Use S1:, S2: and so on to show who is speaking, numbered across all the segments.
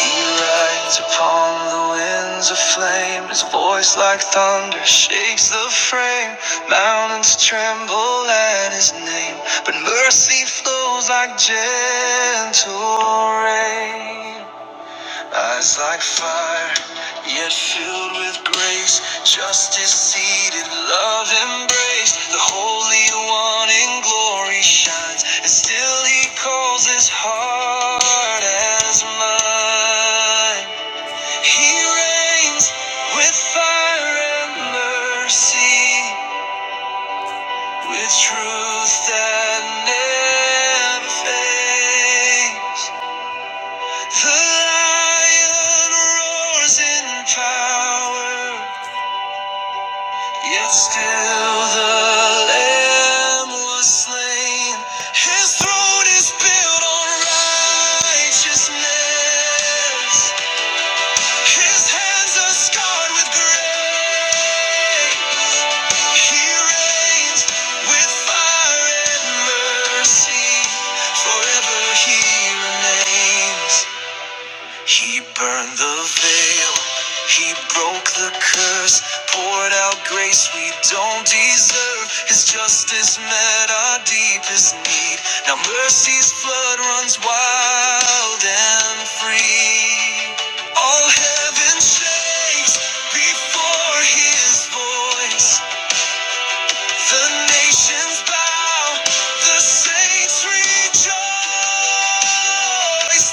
S1: He rides upon the winds of flame, his voice like thunder shakes the frame. Mountains tremble at his name, but mercy flows like gentle rain. Eyes like fire, yet filled with grace. Justice seated, love embraced. The Holy One in glory shines, and still He calls His heart as mine. He reigns with fire and mercy, with truth that never fades. The lion roars in power, yet still the lamb was slain. His throne is built on righteousness. His hands are scarred with grace. He reigns with fire and mercy. Forever he remains. He burned the veil, he broke the curse, poured out grace we don't deserve. His justice met our deepest need. Now mercy's flood runs wild and free. All heaven shakes before his voice. The nations bow, the saints rejoice,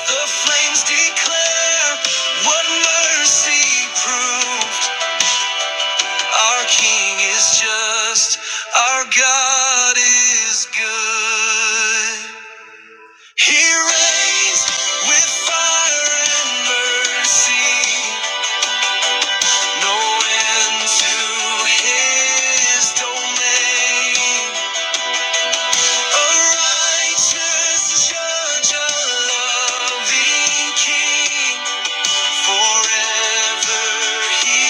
S1: the flames declare what mercy proved. Our King is just, our God is good. He reigns with fire and mercy, no end to his domain. A righteous judge, a loving king, forever he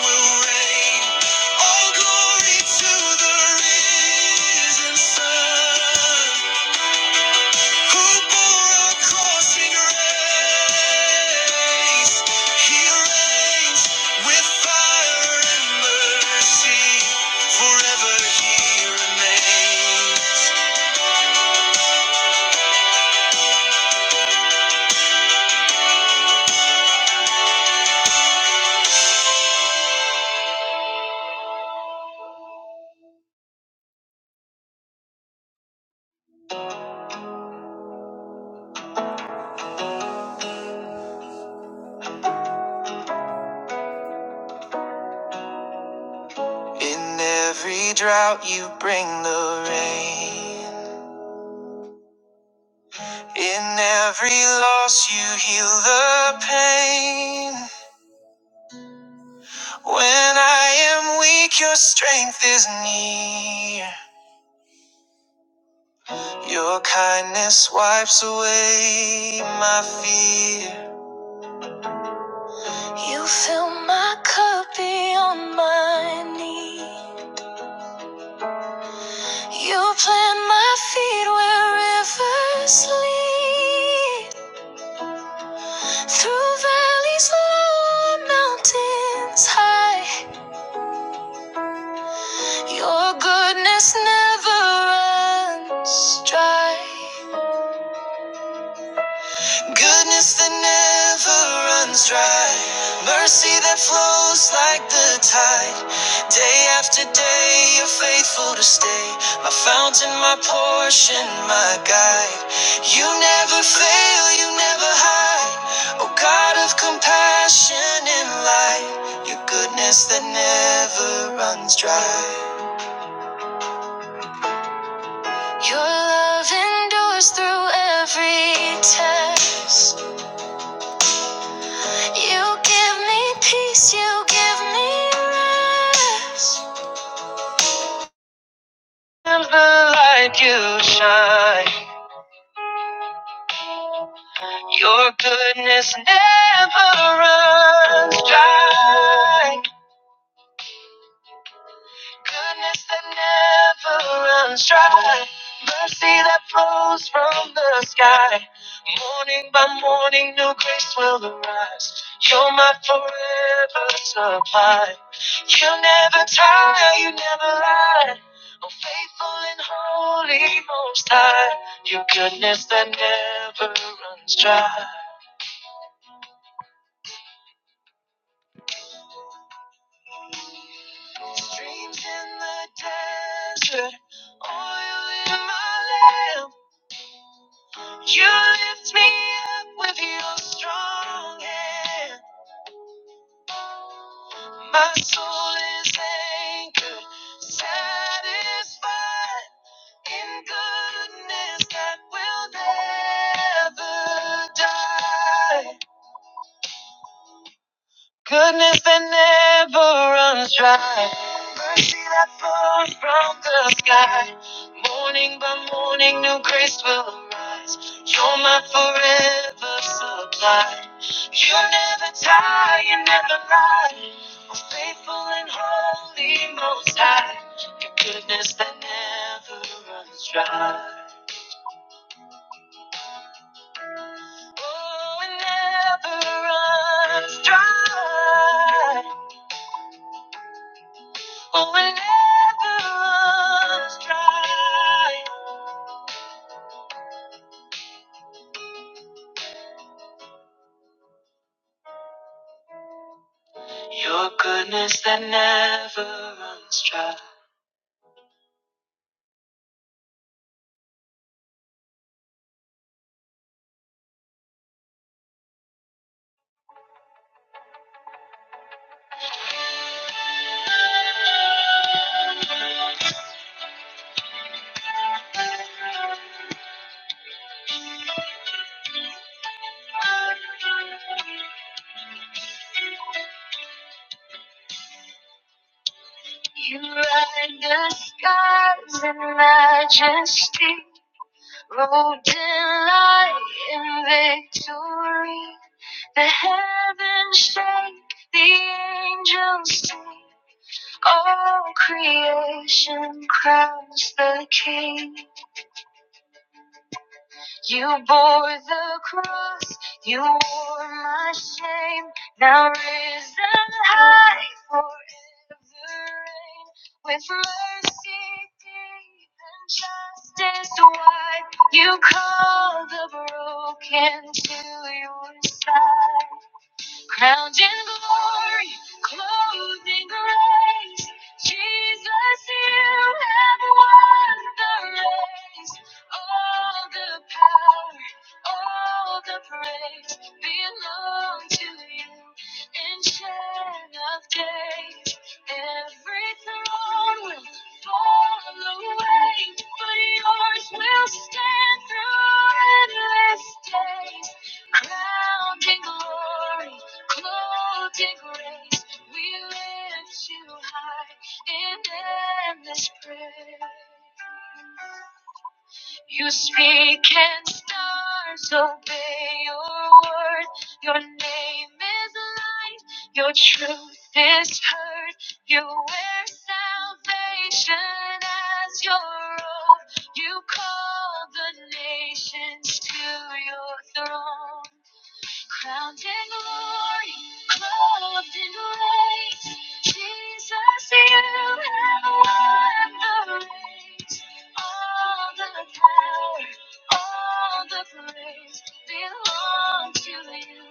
S1: will reign. All glory to the risen Son, who bore our crossing race. He reigns with fire and mercy, forever he remains. In every drought, you bring the rain. In every loss, you heal the pain. When I am weak, your strength is near. Your kindness wipes away my fear. You fill my cup beyond my need. You plant my feet where rivers lead. Through valleys low, mountains high, your goodness never runs dry. Goodness that never runs dry, mercy that flows like the tide. Day after day, you're faithful to stay. My fountain, my portion, my guide. You never fail, you never hide. Oh God of compassion and light, your goodness that never runs dry. Your love endures through every test. You give me peace, you give me rest. I'm the light you shine. Your goodness never runs dry. Goodness that never runs dry. Mercy that flows from the sky. Morning by morning, new grace will arise. You're my forever supply. You never tire, you never lie. Oh, faithful and holy, most high. Your goodness that never runs dry. Streams in the desert, oil in my lamp. You lift me up with your strong hand. My soul is anchored, satisfied in goodness that will never die. Goodness that never runs dry. Mercy that pours from the sky. Morning by morning, new grace will arise. You're my forever supply. You never tire, you never lie. Oh, faithful and holy, most high. Goodness that never runs dry. You light the skies in majesty. robed in light and victory. The heavens shake, the angels sing. All creation crowns the King. You bore the cross, you wore my shame, now risen high forever reign. With mercy deep and justice wide, you call the broken to your side. Crowned in glory, clothed in grace, Jesus, you have won the race. All the power, all the praise belong to you. Ancient of days, every throne will fall away, but yours will stand through endless days crowned in glory, Clothed in grace, we lift you high in endless praise. You speak and stars obey your word. Your name is light, your truth is heard. You wear salvation as your robe. You call the nations to your throne. Crowned in glory, clothed in grace, Jesus, you have won the race. All the power, all the praise belongs to you.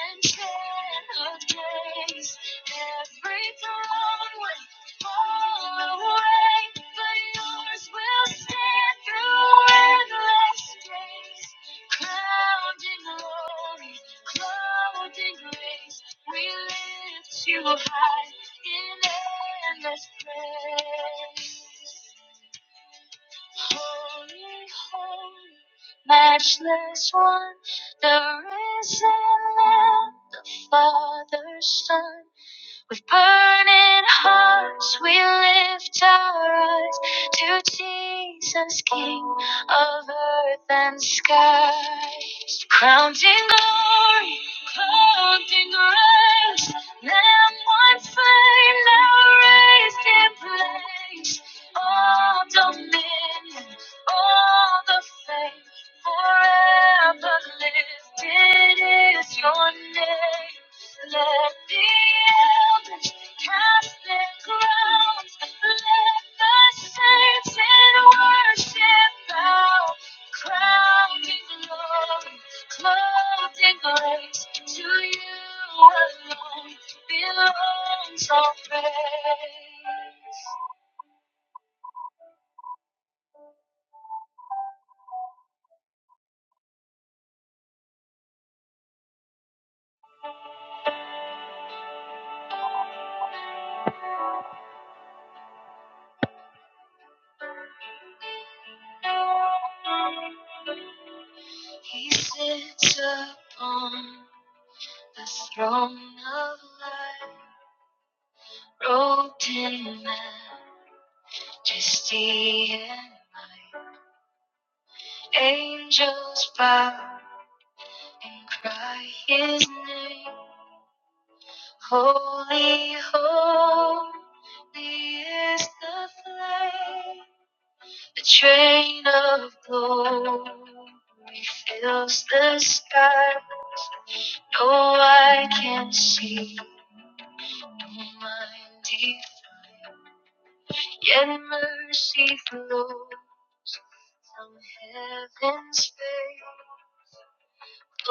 S1: Ancient of days, every throne will fall away, but yours will stand through endless days crowned in glory, Clothed in grace, we lift you up high in endless praise. Holy, holy, matchless one, the risen Lamb, the Father's Son. With burning hearts, we lift our eyes to Jesus, King of earth and sky. Crowned in glory, clothed in grace, Lamb once slain, now raised in place. All dominion, all the faith. Forever lifted is your name. Let the elders cast their crowns. Let the saints in worship bow. Crowned in glory, clothed in grace, to you alone belongs all praise. He sits upon the throne of light, robed in majesty and might. Angels bow and cry his name. Holy, holy is the flame. A train of glory fills the sky. No eye can see mine deep, yet mercy flows from heaven's face.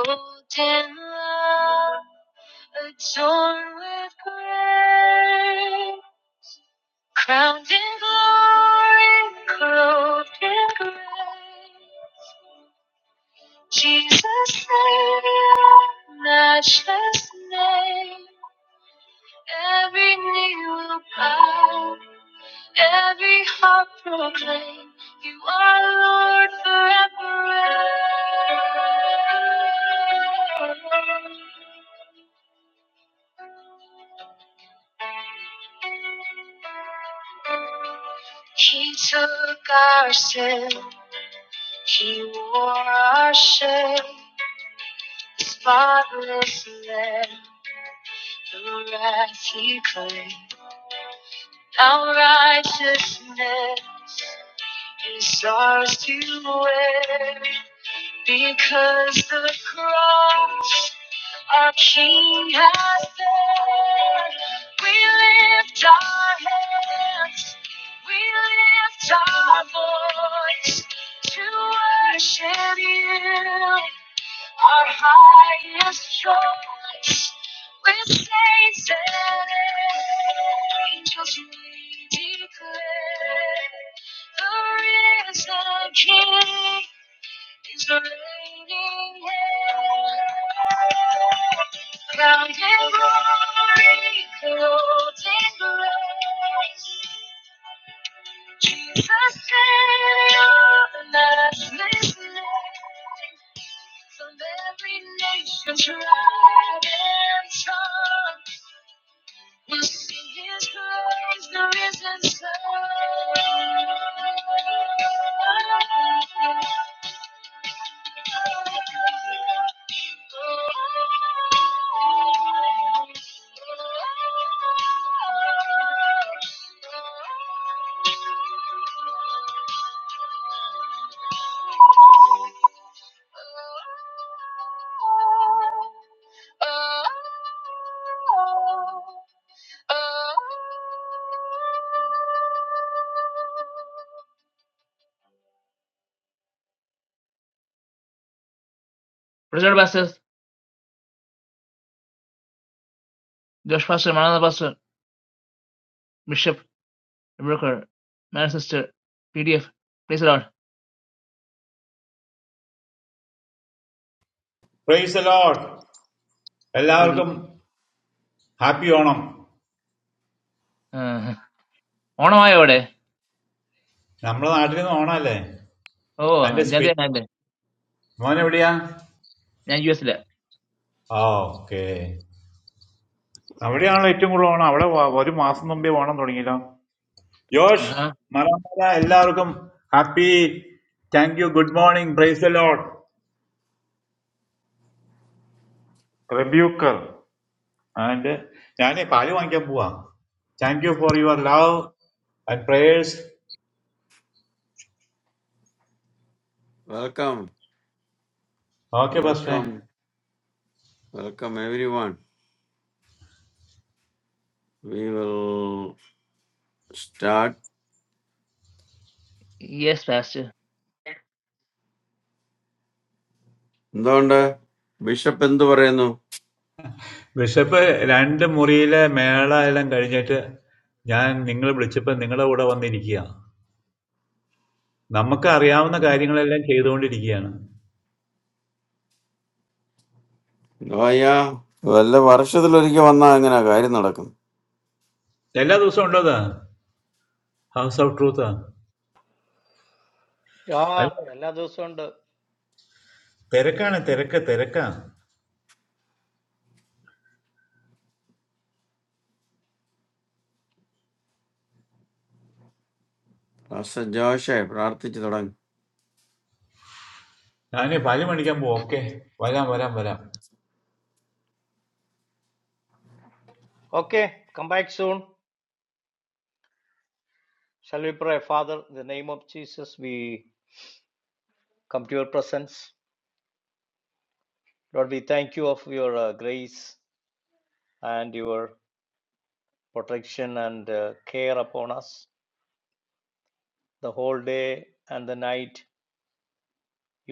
S1: Golden love, adorned with grace, crowned in glory, clothed in grace. Jesus, Savior, matchless name. Every knee will bow, every heart proclaim, You are Lord forever. He took our sin, He wore our shame, spotless Lamb, the wrath He claimed. Our righteousness is ours to wear because the cross our King has said. We lift our hands, we lift our voice to worship you. Our highest choice with saints and angels we declare the risen King is reigning here. Crowned in glory, clothed in grace, Jesus, Savior, matchless name. From every nation, tribe, and tongue, will sing His praise, the risen Son. Preserve Bassett, Josh Foster, Manana Basser, Bishop Brother, my sister, PDF, please load,
S2: praise Lord
S1: please
S2: എല്ലാവർക്കും
S1: load.
S2: Happy Onam
S1: Uh, on my ear, eh?
S2: നമ്മുടെ നാട്ടിൽ നിന്ന് ഓണമല്ലേ
S1: Oh,
S2: അതിന്റെ
S1: in
S2: Spain
S1: Jhanti, Nagda,
S2: മോൻ എവിടെയാ
S1: in US, leh.
S2: ആ okay അവിടെയാണല്ലോ ഏറ്റവും കൂടുതൽ ഓണം അവിടെ വ- ഒരു മാസം മുമ്പേ ഓണം തുടങ്ങിയല്ലോ ജോഷ്
S1: Uh-huh.
S2: മറന്നല്ല എല്ലാവർക്കും happy thank you good morning praise Lord റെബ്യൂക്കർ ആൻഡ് ഞാൻ പാല് വാങ്ങിക്കാൻ പോവാ thank you for your love and prayers
S3: Welcome,
S2: okay ബസ്റ്റേ
S3: welcome, welcome everyone. We will start.
S1: Yes, Pastor.
S3: എന്തുകൊണ്ട് ബിഷപ്പ് എന്തു പറയുന്നു
S2: വിശപ്പ് 2 മുറിയിലെ മേള എല്ലാം കഴിഞ്ഞിട്ട് ഞാൻ നിങ്ങളെ വിളിച്ചപ്പോൾ നിങ്ങളുടെ കൂടെ വന്നിരിക്കുകയാ. നമുക്ക് അറിയാവുന്ന കാര്യങ്ങളെല്ലാം ചെയ്തുകൊണ്ടിരിക്കുകയാണ്.
S3: നോയ വല്ല വർഷത്തിലൊരിക്കൽ വന്നാൽ അങ്ങനെ കാര്യം നടക്കും
S2: എല്ലാ ദിവസവും ഉണ്ടോ ഇത്? House of truth.
S4: Ah,
S2: അല്ല,
S4: എല്ലാ ദിവസവും
S2: തിരക്കാണ്, തിരക്ക്, തിരക്കാ.
S3: പാസ്റ്റർ ജോഷെ പ്രാർത്ഥിച്ചു തുടങ്ങും
S2: ഞാന് പാല് മേടിക്കാൻ പോവാ. ഓക്കേ. വരാം, വരാം, വരാം.
S4: Okay, come back soon. Shall we pray? Father, in the name of Jesus, we come to your presence. Lord, we thank you of your uh, grace and your protection and uh, care upon us the whole day and the night.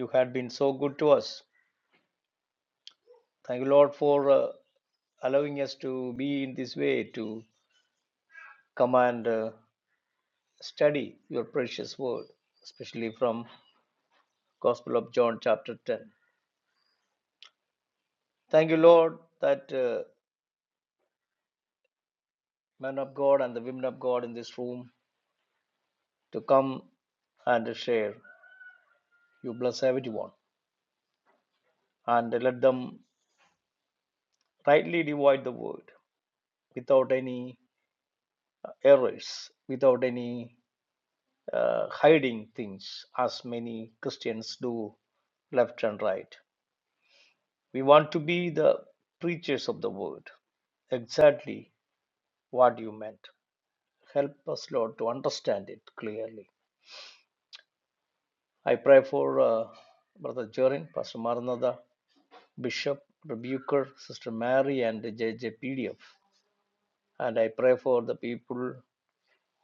S4: You had been so good to us. Thank you, Lord, for uh, allowing us to be in this way to come and uh, study your precious word, especially from Gospel of John, chapter 10. Thank you, Lord, that. uh, men of God and the women of God in this room to come and share. You bless everyone and let them rightly divide the word without any errors, without any uh, hiding things, as many Christians do left and right. We want to be the preachers of the word, exactly what you meant. Help us, Lord, to understand it clearly. I pray for uh, Brother Jorin, Pastor Maranatha, Bishop Rebuker, Sister Mary, and JJPDF. And I pray for the people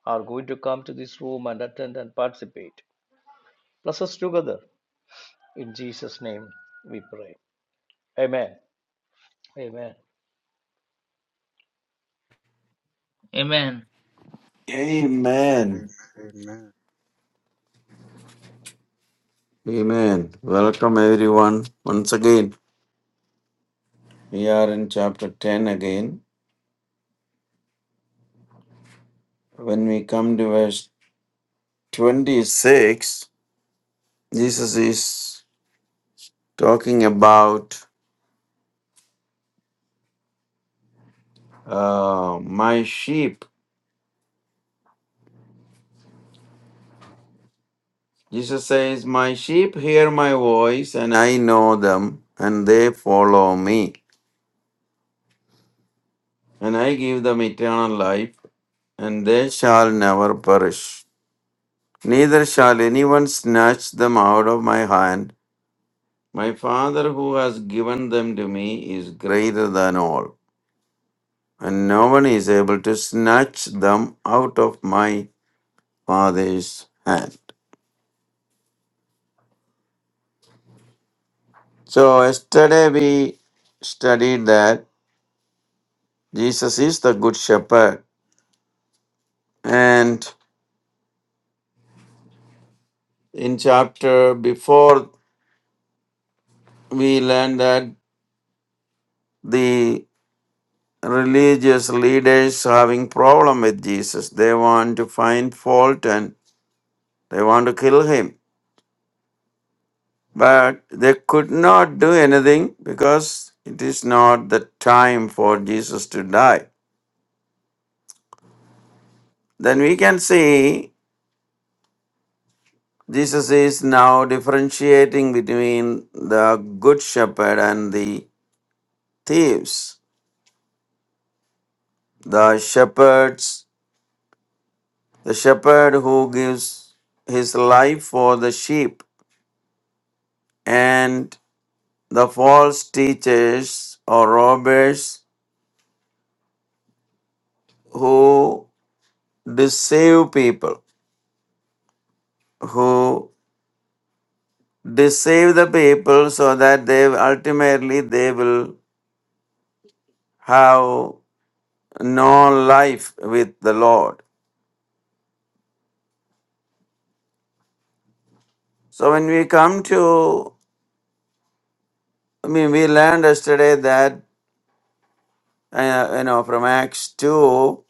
S4: are going to come to this room and attend and participate. Bless us together. In Jesus' name we pray. Amen. Amen.
S1: Amen.
S3: Amen.
S5: Amen.
S3: Amen. Welcome everyone once again. We are in chapter 10 again. When we come to verse 26, Jesus is talking about uh, my sheep. Jesus says, My sheep hear my voice, and I know them, and they follow me. And I give them eternal life, and they shall never perish. Neither shall anyone snatch them out of my hand. My Father who has given them to me is greater than all, and no one is able to snatch them out of my Father's hand. So, yesterday we studied that Jesus is the Good Shepherd And in chapter before, we learned that the religious leaders having problem with Jesus. They want to find fault and they want to kill him. But they could not do anything because it is not the time for Jesus to die. Then we can see Jesus is now differentiating between the good shepherd and the thieves. The shepherds the shepherd who gives his life for the sheep, and the false teachers or robbers who deceive people, who deceive the people so that they ultimately they will have no life with the Lord. So when we come to, I mean, we learned yesterday that uh, you know from Acts two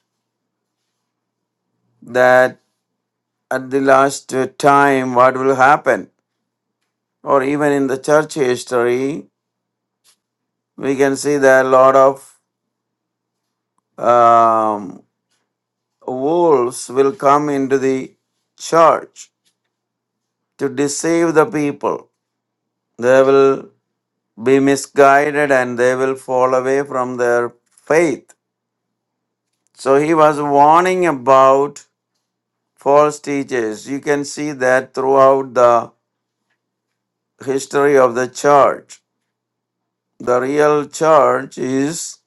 S3: that. at the last uh, time what will happen or even in the church history we can see that a lot of um, wolves will come into the church to deceive the people they will be misguided and they will fall away from their faith so he was warning about false teachers you can see that throughout the history of the church the real church is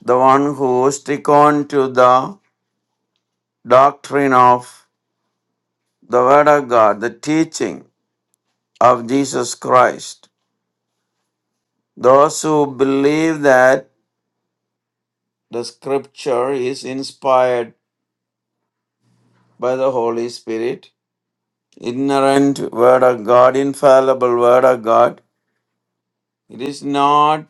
S3: the one who stick on to the doctrine of the Word of God, the teaching of Jesus Christ. Those who believe that the Scripture is inspired by the Holy Spirit, ignorant Word of God, infallible Word of God. It is not,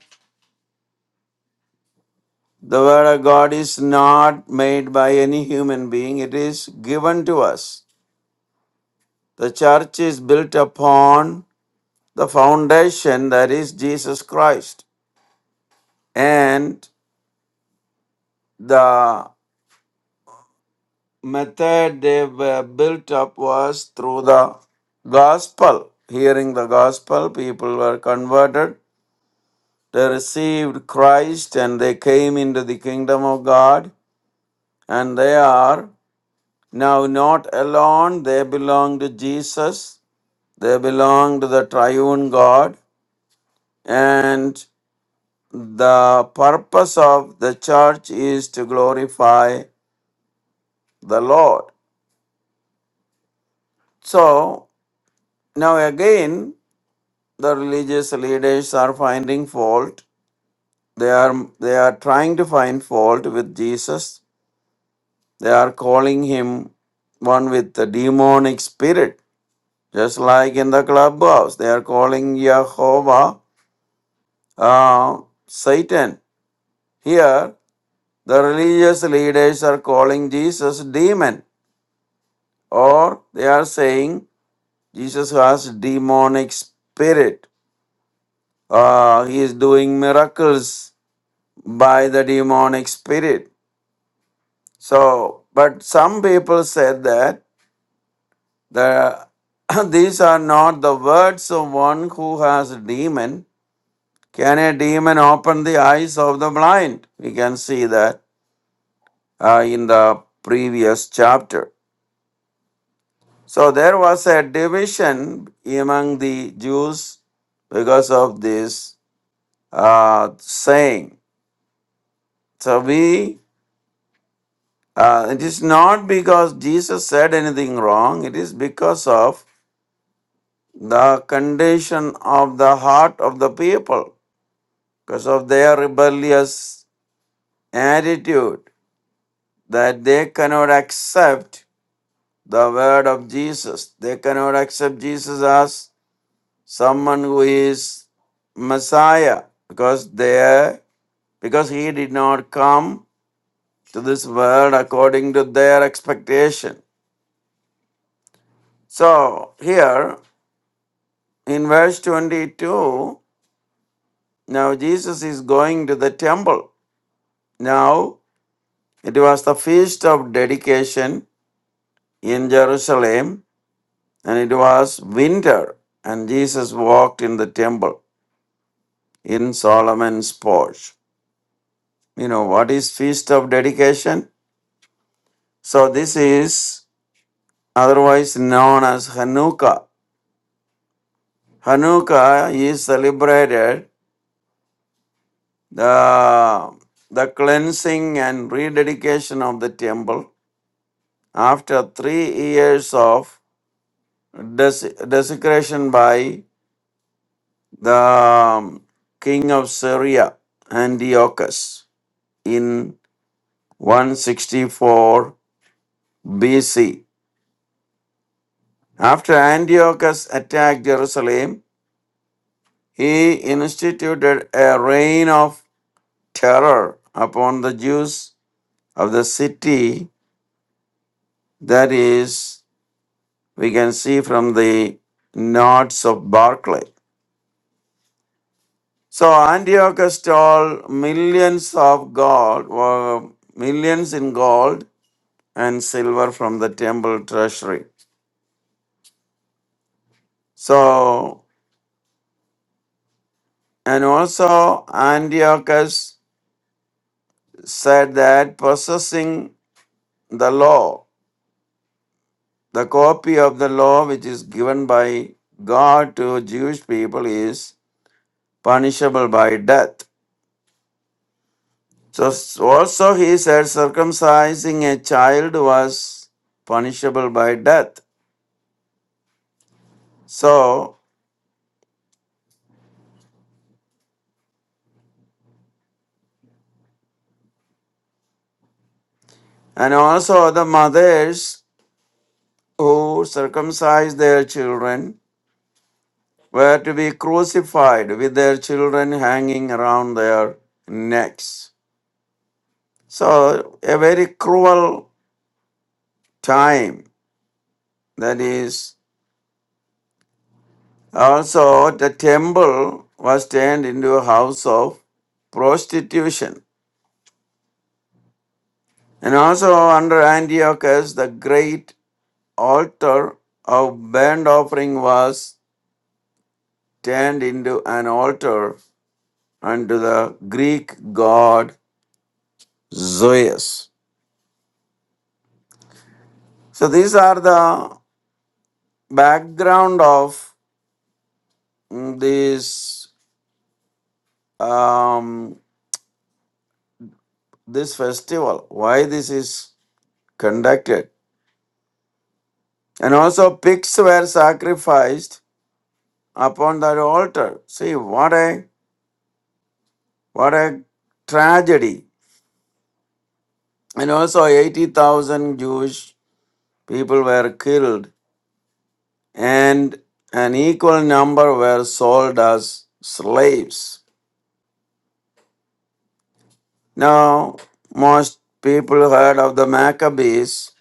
S3: the Word of God is not made by any human being, it is given to us. The church is built upon The foundation that is Jesus Christ. And the method they were built up was through the gospel. Hearing the gospel, people were converted. They received Christ and they came into the kingdom of God. And they are now not alone, they belong to Jesus. They belong to the triune God. and. the purpose of the church is to glorify the Lord. So now again, the religious leaders are finding fault. They are they are trying to find fault with Jesus. They are calling him one with the demonic spirit, just like in the clubhouse. They are calling Jehovah uh, Satan. Here, the religious leaders are calling Jesus demon, or they are saying Jesus has demonic spirit. Uh, he is doing miracles by the demonic spirit. So, but some people said that the these are not the words of one who has a demon. Can a demon open the eyes of the blind? We can see that uh, in the previous chapter. So there was a division among the Jews because of this uh, saying. So we, uh, it is not because Jesus said anything wrong, it is because of the condition of the heart of the people, because of their rebellious attitude that they cannot accept the word of Jesus. They cannot accept Jesus as someone who is Messiah because they because he did not come to this world according to their expectation. So here In verse 22, now Jesus is going to the temple. Now it was the feast of dedication in Jerusalem, and it was winter, and Jesus walked in the temple in Solomon's porch. You know, what is feast of dedication? So this is otherwise known as Hanukkah. Hanukkah is celebrated the the cleansing and rededication of the temple After three years of dese- desecration by the um, king of Syria, Antiochus, in 164 BC. After Antiochus attacked Jerusalem, he instituted a reign of terror upon the Jews of the city. That is, we can see from the notes of Barclay. So Antiochus stole millions of gold, uh, millions in gold and silver from the temple treasury. So, and also Antiochus said that possessing the law, the copy of the law which is given by God to Jewish people is punishable by death. So s- also he said circumcising a child was punishable by death. So And also the mothers who circumcised their children were to be crucified with their children hanging around their necks. So, a very cruel time. That is, also the temple was turned into a house of prostitution. And also under Antiochus, the great altar of burnt offering was turned into an altar and to the Greek god Zeus. So these are the background of mm, this um, this festival. Why this is conducted, and also pigs were sacrificed upon that altar. See what a what a tragedy, and also eighty thousand Jewish people were killed, and an equal number were sold as slaves. Now, most people heard of the Maccabees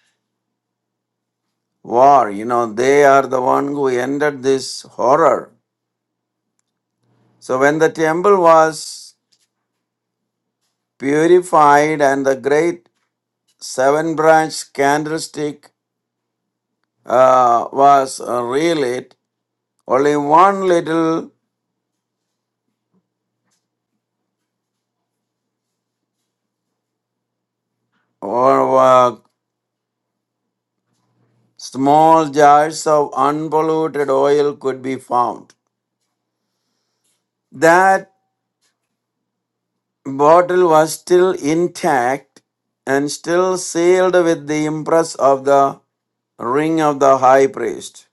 S3: war. You know, they are the one who ended this horror. So when the temple was purified and the great seven branch candlestick uh, was uh, relit, only one little or uh, small jars of unpolluted oil could be found. That bottle was still intact and still sealed with the impress of the ring of the high priest.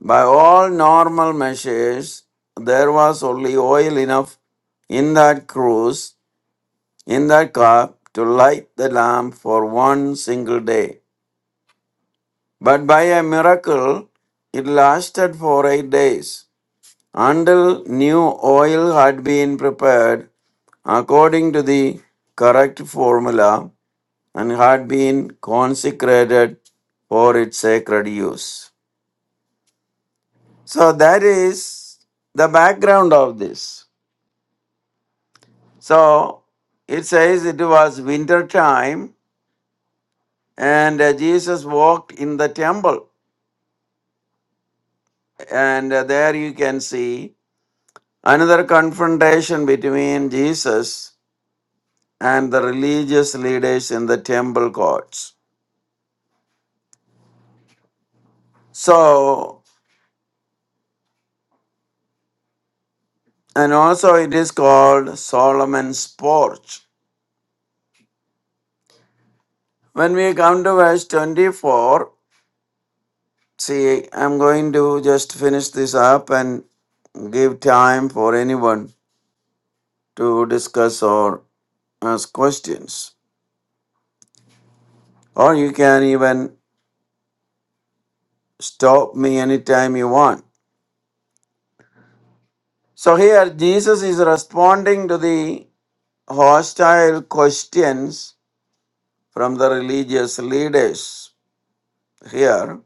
S3: By all normal measures, there was only oil enough in that cruse, in that cup, to light the lamp for one single day. But by a miracle, it lasted for eight days until new oil had been prepared according to the correct formula and had been consecrated for its sacred use. So that is the background of this. So it says it was winter time and uh, Jesus walked in the temple and uh, there you can see another confrontation between Jesus and the religious leaders in the temple courts. So and also it is called Solomon's porch When we come to verse 24, see, I'm going to just finish this up and give time for anyone to discuss or ask questions. Or you can even stop me anytime you want. So here, Jesus is responding to the hostile questions from the religious leaders. Here,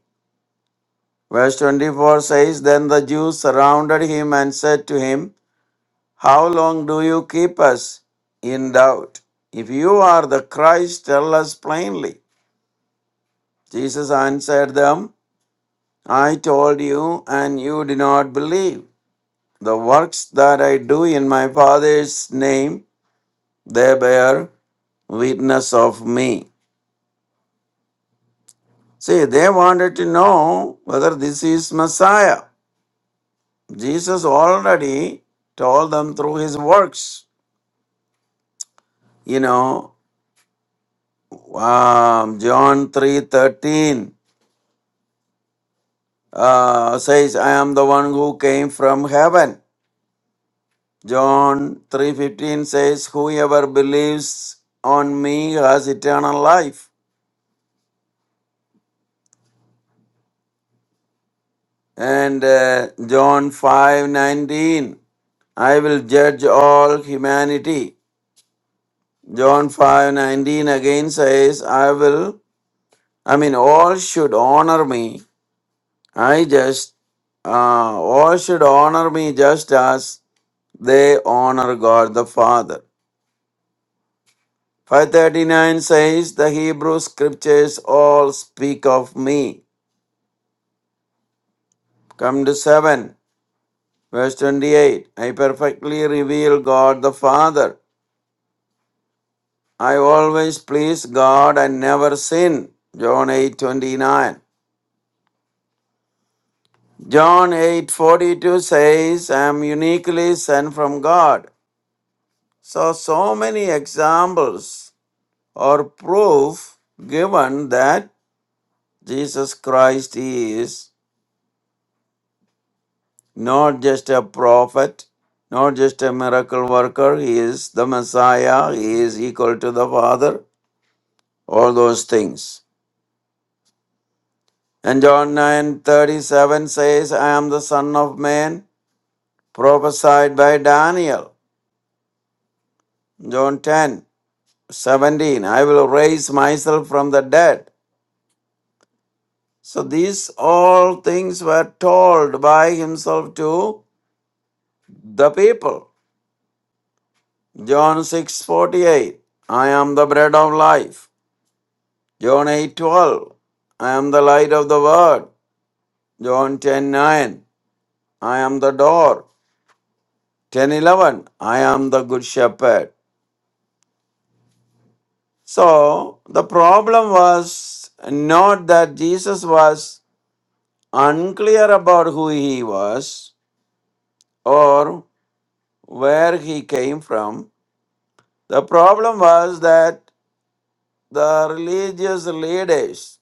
S3: verse 24 says, Then the Jews surrounded him and said to him, How long do you keep us in doubt? If you are the Christ, tell us plainly. Jesus answered them, I told you, and you did not believe. The works that I do in my Father's name, they bear witness of me. See, they wanted to know whether this is Messiah. Jesus already told them through his works. You know, um, John three thirteen. uh, says, I am the one who came from heaven. John 3.15 says, whoever believes on me has eternal life. And uh, John 5.19, I will judge all humanity. John 5.19 again says, I will, I mean, all should honor me. I just, uh, all should honor me just as they honor God the Father. 539 says, The Hebrew scriptures all speak of me. Come to 7, verse 28. I perfectly reveal God the Father. I always please God and never sin. John 8 29. John 8 42 says, I am uniquely sent from God. So, so many examples or proof given that Jesus Christ is not just a prophet, not just a miracle worker. He is the Messiah. He is equal to the Father. All those things. And John 9:37 says, I am the Son of Man, prophesied by Daniel. John 10:17, I will raise myself from the dead. So these all things were told by himself to the people. John 6:48, I am the bread of life. John 8 12, I am the light of the world. John ten nine, I am the door. 10 11, I am the good shepherd. So the problem was not that Jesus was unclear about who he was or where he came from. The problem was that the religious leaders,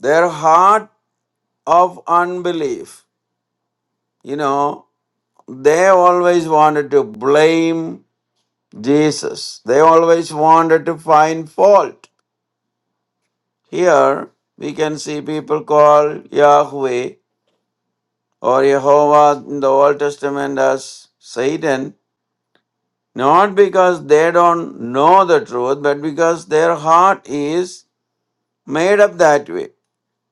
S3: their heart of unbelief, you know, they always wanted to blame Jesus. They always wanted to find fault. Here we can see people call Yahweh or Jehovah in the Old Testament as Satan, not because they don't know the truth, but because their heart is made up that way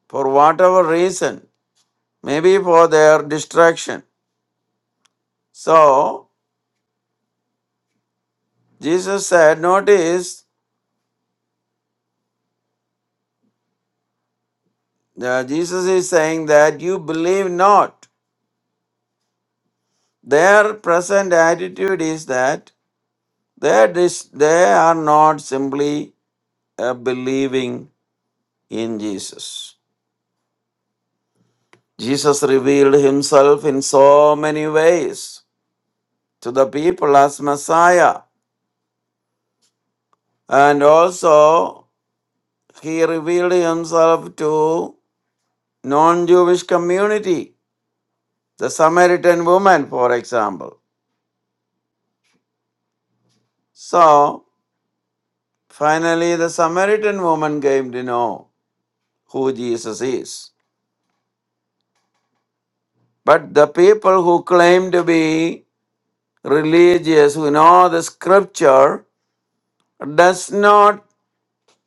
S3: for whatever reason, maybe for their distraction. So Jesus said, Notice Uh, Jesus is saying that you believe not. Their present attitude is that they, dis- they are not simply uh, believing in Jesus. Jesus revealed himself in so many ways to the people as Messiah, and also he revealed himself to non Jewish community, the Samaritan woman, for example. So, Finally, the Samaritan woman came to know who Jesus is. But the people who claim to be religious, who know the scripture, does not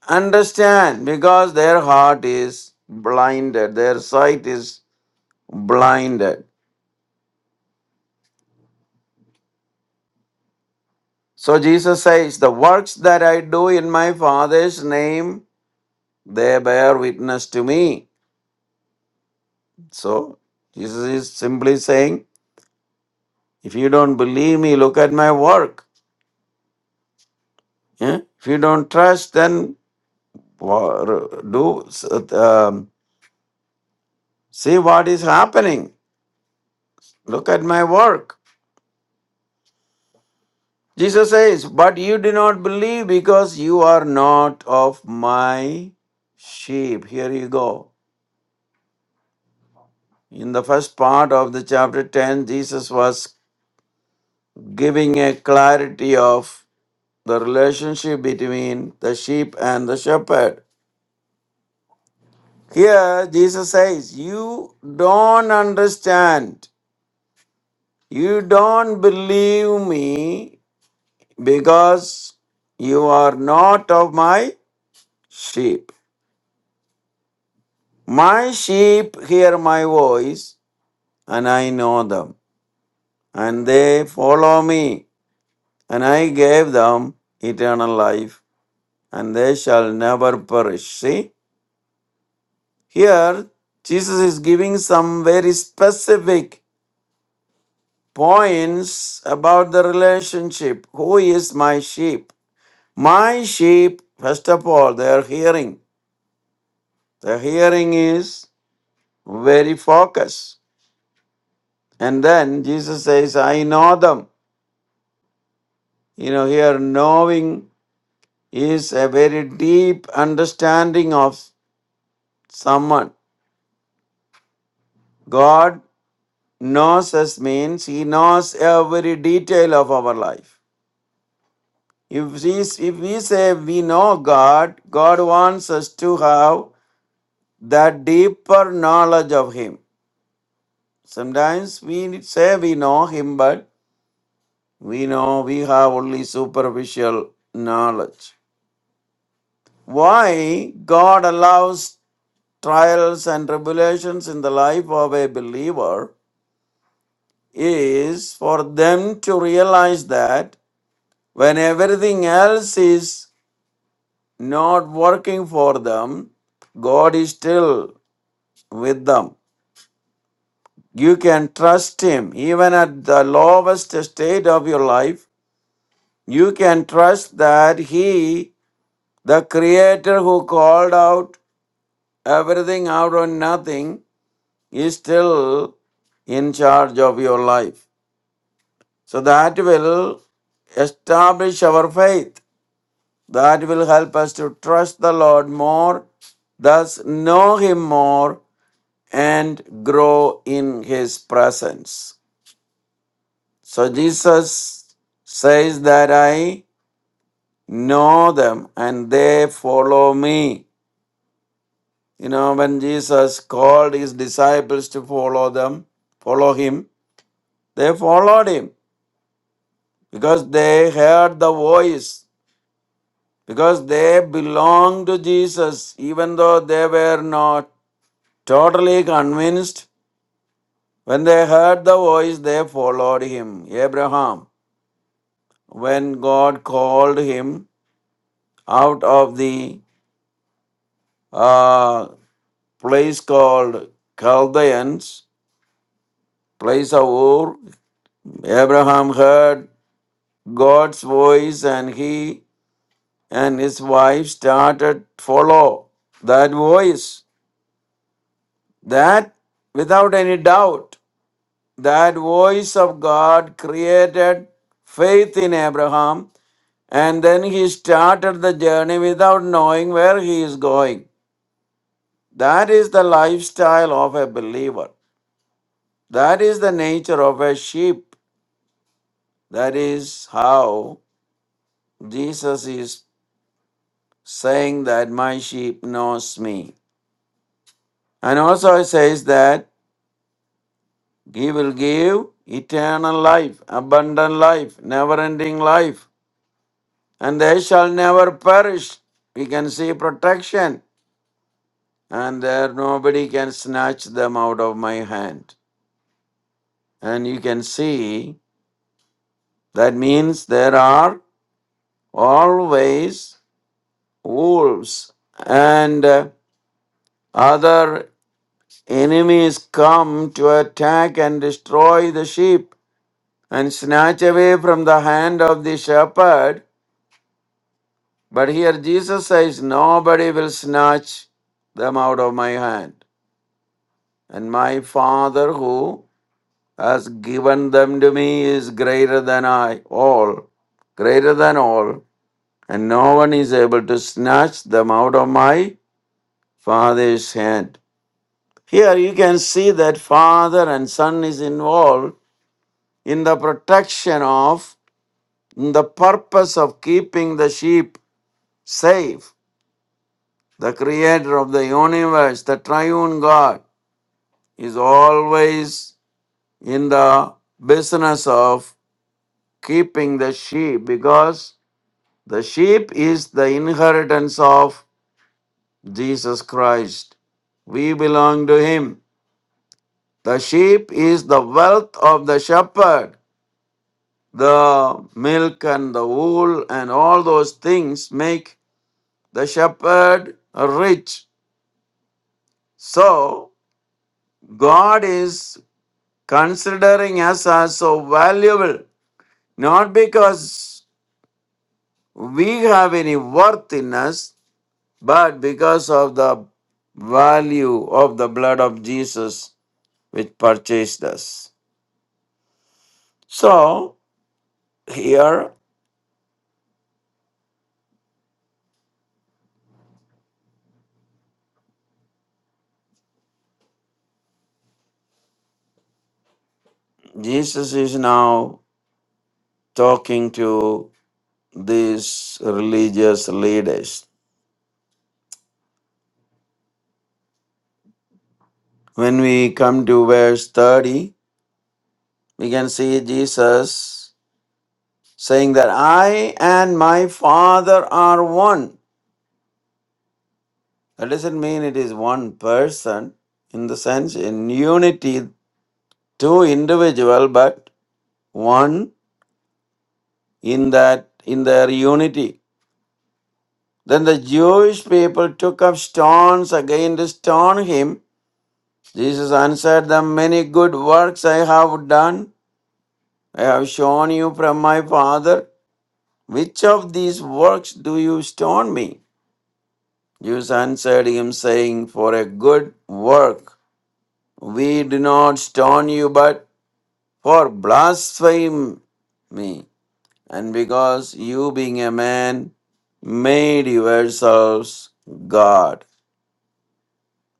S3: understand because their heart is blinded, their sight is blinded. So Jesus says, The works that I do in my Father's name, they bear witness to me. So Jesus is simply saying, If you don't believe me, look at my work. Eh? If you don't trust, then wha- do um, see what is happening. Look at my work. Jesus says, "But you do not believe because you are not of my sheep." Here you go. In the first part of the chapter ten, Jesus was giving a clarity of the relationship between the sheep and the shepherd. Here, Jesus says, "You don't understand." You don't believe me because you are not of my sheep. My sheep hear my voice, and I know them, and they follow me, and I gave them eternal life, and they shall never perish. See, here Jesus is giving some very specific points about the relationship. Who is my sheep? My sheep, first of all, their hearing. The hearing is very focused. And then Jesus says, I know them. You know, here knowing is a very deep understanding of someone. God knows us means He knows every detail of our life. If we, if we say we know God, God wants us to have that deeper knowledge of Him. Sometimes we say we know him, but we know we have only superficial knowledge. Why God allows trials and tribulations in the life of a believer is for them to realize that when everything else is not working for them, God is still with them. You can trust Him even at the lowest state of your life you can trust that He, the Creator who called out everything out of nothing, is still in charge of your life. So that will establish our faith. That will help us to trust the Lord more, thus know Him more, and grow in His presence. So Jesus says that I know them and they follow me. You know, when Jesus called his disciples to follow them, follow him, they followed him because they heard the voice, because they belonged to Jesus, even though they were not totally convinced. When they heard the voice, they followed him. Abraham, when God called him out of the uh, place called Chaldeans, place of Ur, Abraham heard God's voice and he and his wife started follow that voice. That without any doubt, that voice of God created faith in Abraham and then he started the journey without knowing where he is going. That is the lifestyle of a believer. That is the nature of a sheep. That is how Jesus is saying that my sheep knows me. And also it says that he will give eternal life, abundant life, never ending life, and they shall never perish. We can see protection, and there nobody can snatch them out of my hand. And you can see that means there are always wolves and uh, other enemies come to attack and destroy the sheep and snatch away from the hand of the shepherd. But here Jesus says, Nobody will snatch them out of my hand. And my Father who has given them to me is greater than I, all, greater than all. And no one is able to snatch them out of my Father's hand. Here you can see that Father and Son is involved in the protection of, in the purpose of keeping the sheep Safe. The creator of the universe, the triune God, is always in the business of keeping the sheep because the sheep is the inheritance of Jesus Christ. We belong to him. The sheep is the wealth of the shepherd. The milk and the wool and all those things make the shepherd rich. So, God is considering us as so valuable, not because we have any worth in us, but because of the value of the blood of Jesus which purchased us. So here Jesus is now talking to these religious leaders. When we come to verse 30, we can see Jesus saying that I and my Father are one. That doesn't mean it is one person in the sense in unity, two individual, but one in that in their unity. Then the Jewish people took up stones again to stone him. Jesus answered them, Many good works I have done. I have shown you from my Father. Which of these works do you stone me? Jews answered him, saying, For a good work we do not stone you, but for blaspheme me, and because you, being a man, made yourselves God.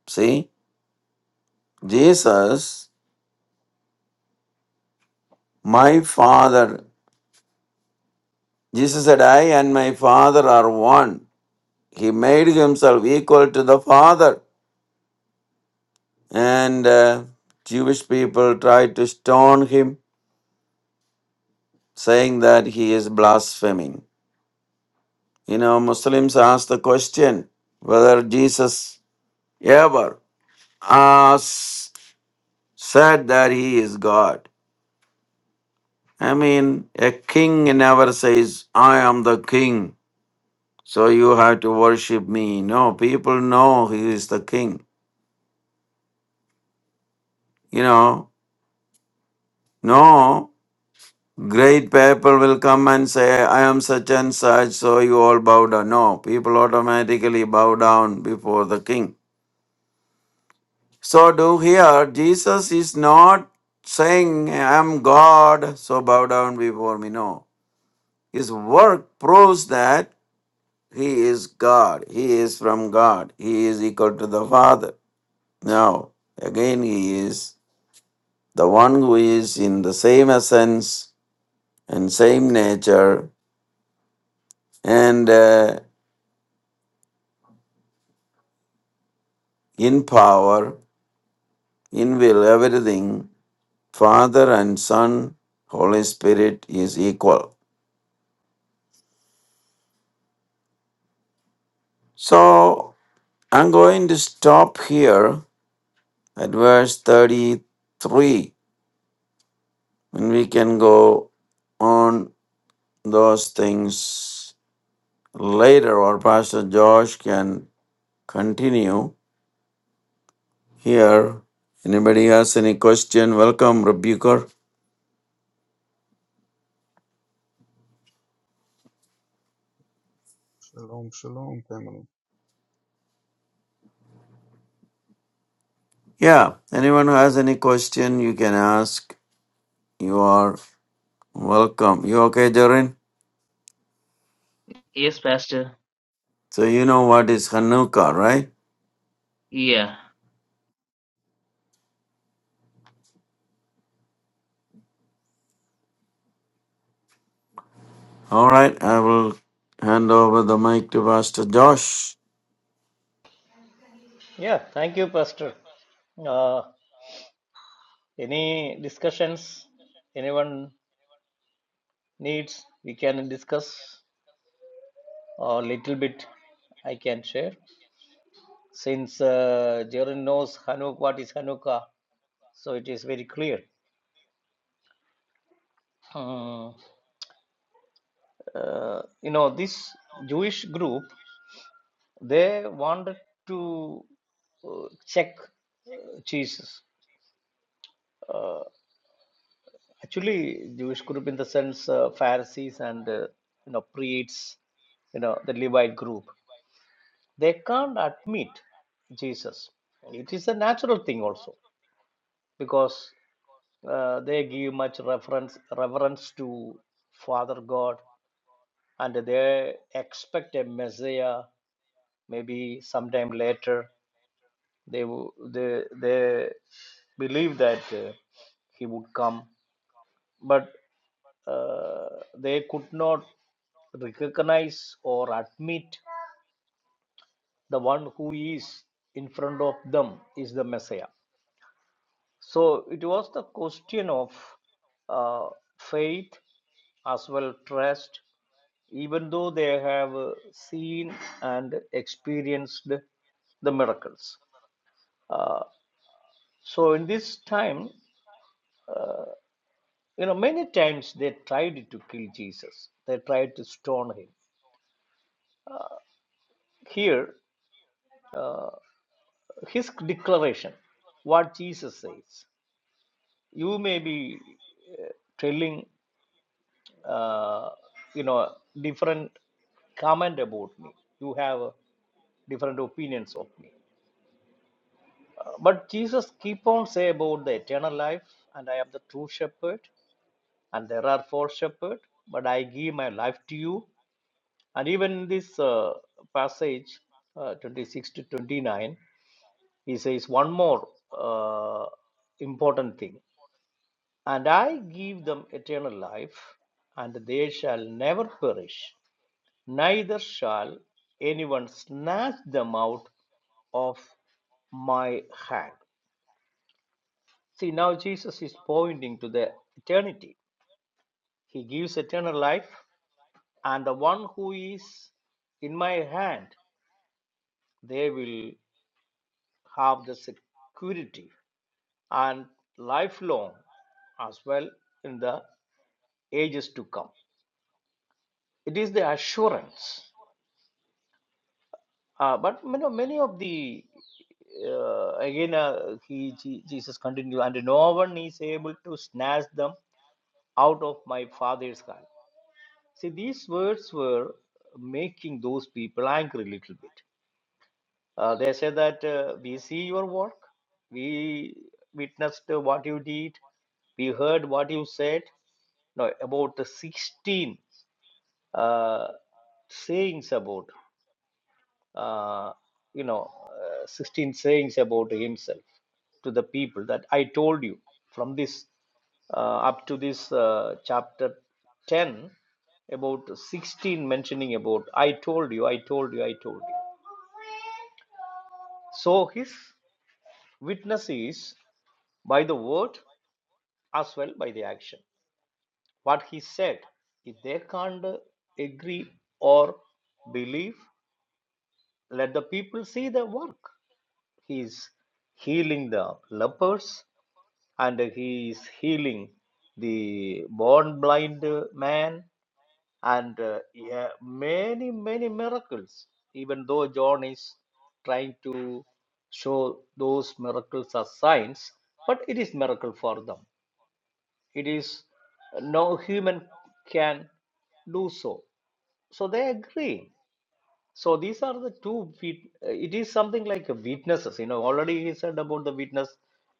S3: See, Jesus, my Father, Jesus said, I and my Father are one. He made himself equal to the Father. And uh, Jewish people tried to stone him, saying that he is blaspheming. You know, Muslims ask the question whether Jesus ever asked said that he is God. I mean, a king never says, I am the king, so you have to worship me. No, people know he is the king. You know, no great people will come and say, I am such and such, so you all bow down. No, people automatically bow down before the king. So, do here, Jesus is not saying, I am God, so bow down before me. No. His work proves that He is God. He is from God. He is equal to the Father. Now, again, He is the one who is in the same essence and same nature and uh, in power, in will, everything. Father and Son, Holy Spirit is equal. So, I'm going to stop here at verse 33 and we can go on those things Later, or Pastor Josh can continue here. Anybody has any question? Welcome, Rebuker.
S5: Shalom, shalom, family.
S3: Yeah, anyone who has any question, you can ask. You are welcome. You okay, Jaren?
S1: Yes, Pastor.
S3: So you know what is Hanukkah, right?
S1: Yeah.
S3: All right, I will hand over the mic to Pastor Josh.
S4: Yeah, thank you, Pastor. Uh, any discussions anyone needs, we can discuss a little bit. I can share. Since uh, Jaren knows Hanukkah, what is Hanukkah, so it is very clear. Um, uh, you know this Jewish group they wanted to uh, check uh, Jesus. Uh, actually, Jewish group in the sense uh, Pharisees and uh, you know priests, you know the Levite group. They can't admit Jesus. It is a natural thing also because uh, they give much reference reverence to Father God and they expect a Messiah maybe sometime later They wo- they they believed that uh, he would come, but uh, they could not recognize or admit the one who is in front of them is the Messiah. So it was the question of uh, faith as well trust, even though they have uh, seen and experienced the miracles. Uh, so in this time, uh, You know, many times they tried to kill Jesus, they tried to stone him. Here, his declaration, what Jesus says, you may be uh, telling, uh, you know, different comment about me. You have uh, different opinions of me. Uh, but Jesus keep on say about the eternal life, and I am the true shepherd, and there are four shepherds, but I give my life to you. And even in this uh, passage, uh, 26 to 29, he says one more uh, important thing. And I give them eternal life, and they shall never perish, neither shall anyone snatch them out of my hand. See, now Jesus is pointing to the eternity. He gives eternal life, and the one who is in my hand, they will have the security and lifelong as well in the ages to come. It is the assurance. Uh, but you know, many of the uh, again uh, he Je- Jesus continued, and no one is able to snatch them out of my father's hand. See, these words were making those people angry a little bit. Uh, they say that uh, we see your work, we witnessed uh, what you did, we heard what you said. No, about the 16 uh, sayings about, uh, you know, uh, 16 sayings about himself to the people that I told you from this uh, up to this uh, chapter 10 about 16 mentioning about I told you, I told you, I told you. So his witness is by the word as well by the action what he said if they can't agree or believe let the people see the work he is healing the lepers and he is healing the born blind man and uh, yeah, many many miracles even though john is trying to show those miracles as signs but it is miracle for them It is uh, no human can do so. So they agree. So these are the two. wit- uh, It is something like a witnesses. You know, already he said about the witness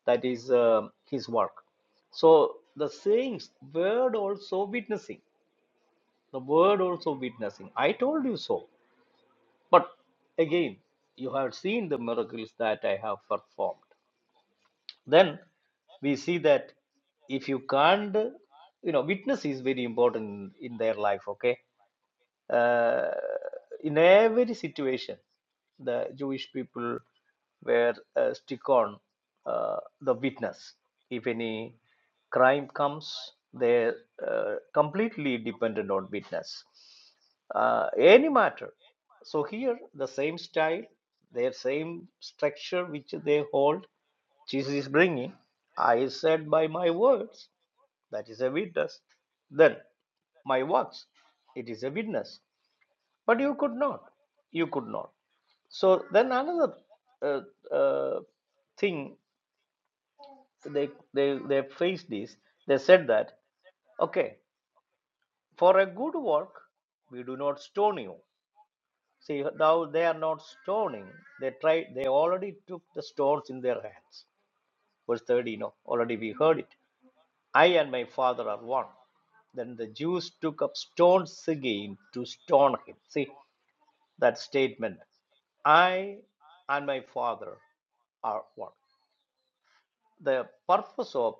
S4: that is um his work. So the sayings, word also witnessing, the word also witnessing. I told you so. But again, you have seen the miracles that I have performed. then we see that if you can't you know witness is very important in in their life okay uh, in every situation the jewish people were uh, stick on uh, the witness if any crime comes they uh, completely dependent on witness uh, any matter so here the same style their same structure which they hold jesus is bringing i said by my words that is a witness then my works it is a witness but you could not you could not so then another uh, uh, thing they they they faced is they said that okay for a good work we do not stone you see now they are not stoning they tried they already took the stones in their hands verse 30 you know, already we heard it i and my father are one then the jews took up stones again to stone him see that statement I and my Father are one. The purpose of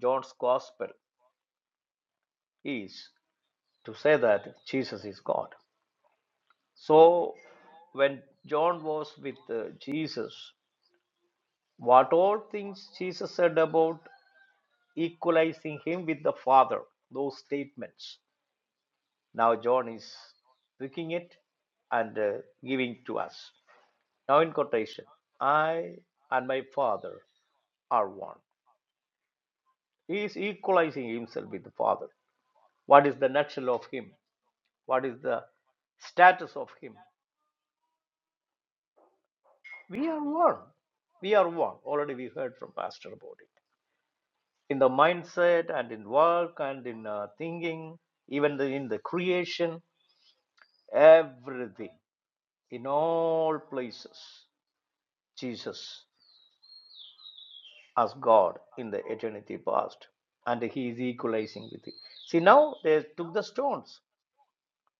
S4: John's Gospel is to say that Jesus is God. So, when John was with uh, Jesus, what all things Jesus said about equalizing him with the Father, those statements, now John is picking it and uh, giving to us. Now, in quotation, I and my Father are one. He is equalizing himself with the Father. What is the nutshell of him? What is the status of him? We are one. We are one. Already we heard from Pastor about it. In the mindset and in work and in uh, thinking, even the, in the creation, everything, in all places, Jesus as God in the eternity past. And he is equalizing with it. See, now they took the stones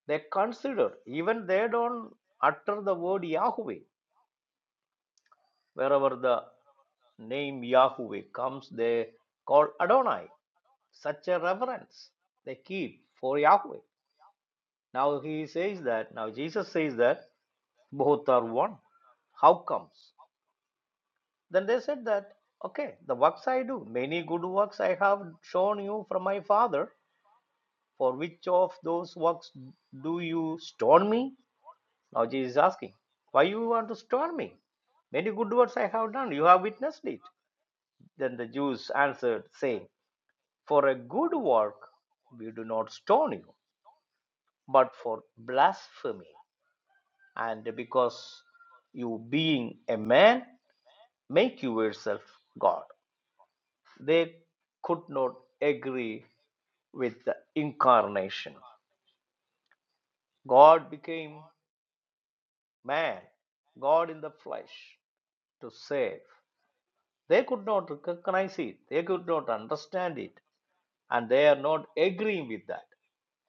S4: they consider even they don't utter the word yahweh wherever the name yahweh comes they call adonai such a reverence they keep for yahweh now he says that now jesus says that both are one how comes then they said that okay the works i do many good works i have shown you from my father for which of those works do you stone me Now Jesus is asking, Why you want to stone me? Many good works I have done, you have witnessed it. Then the Jews answered, saying, For a good work we do not stone you, but for blasphemy, and because you being a man, make you yourself God. They could not agree with the incarnation. God became man, God in the flesh, to save. They could not recognize it, they could not understand it, and they are not agreeing with that.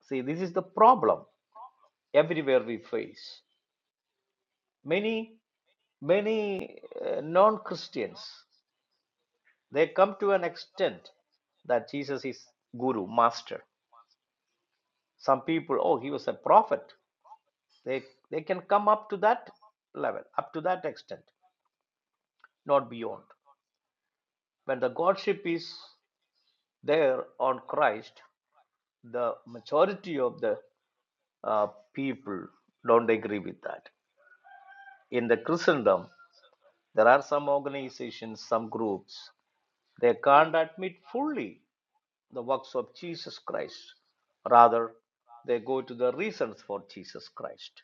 S4: See, this is the problem everywhere we face. Many, many uh, non Christians they come to an extent that Jesus is guru, master. Some people, oh, he was a prophet. They they can come up to that level, up to that extent, not beyond. When the Godship is there on Christ, the majority of the uh, people don't agree with that. In the Christendom, there are some organizations, some groups, they can't admit fully the works of Jesus Christ. Rather, they go to the reasons for Jesus Christ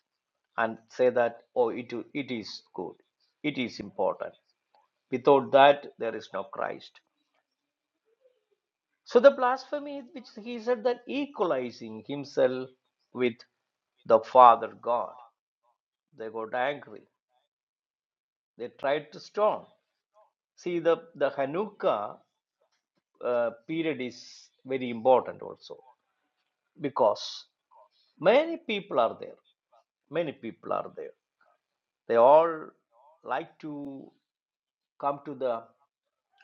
S4: and say that, oh, it, it is good, it is important. Without that, there is no Christ. So the blasphemy, which he said that equalizing himself with the Father God, they got angry They tried to storm. See, the, the Hanukkah uh, period is very important also because many people are there. Many people are there. They all like to come to the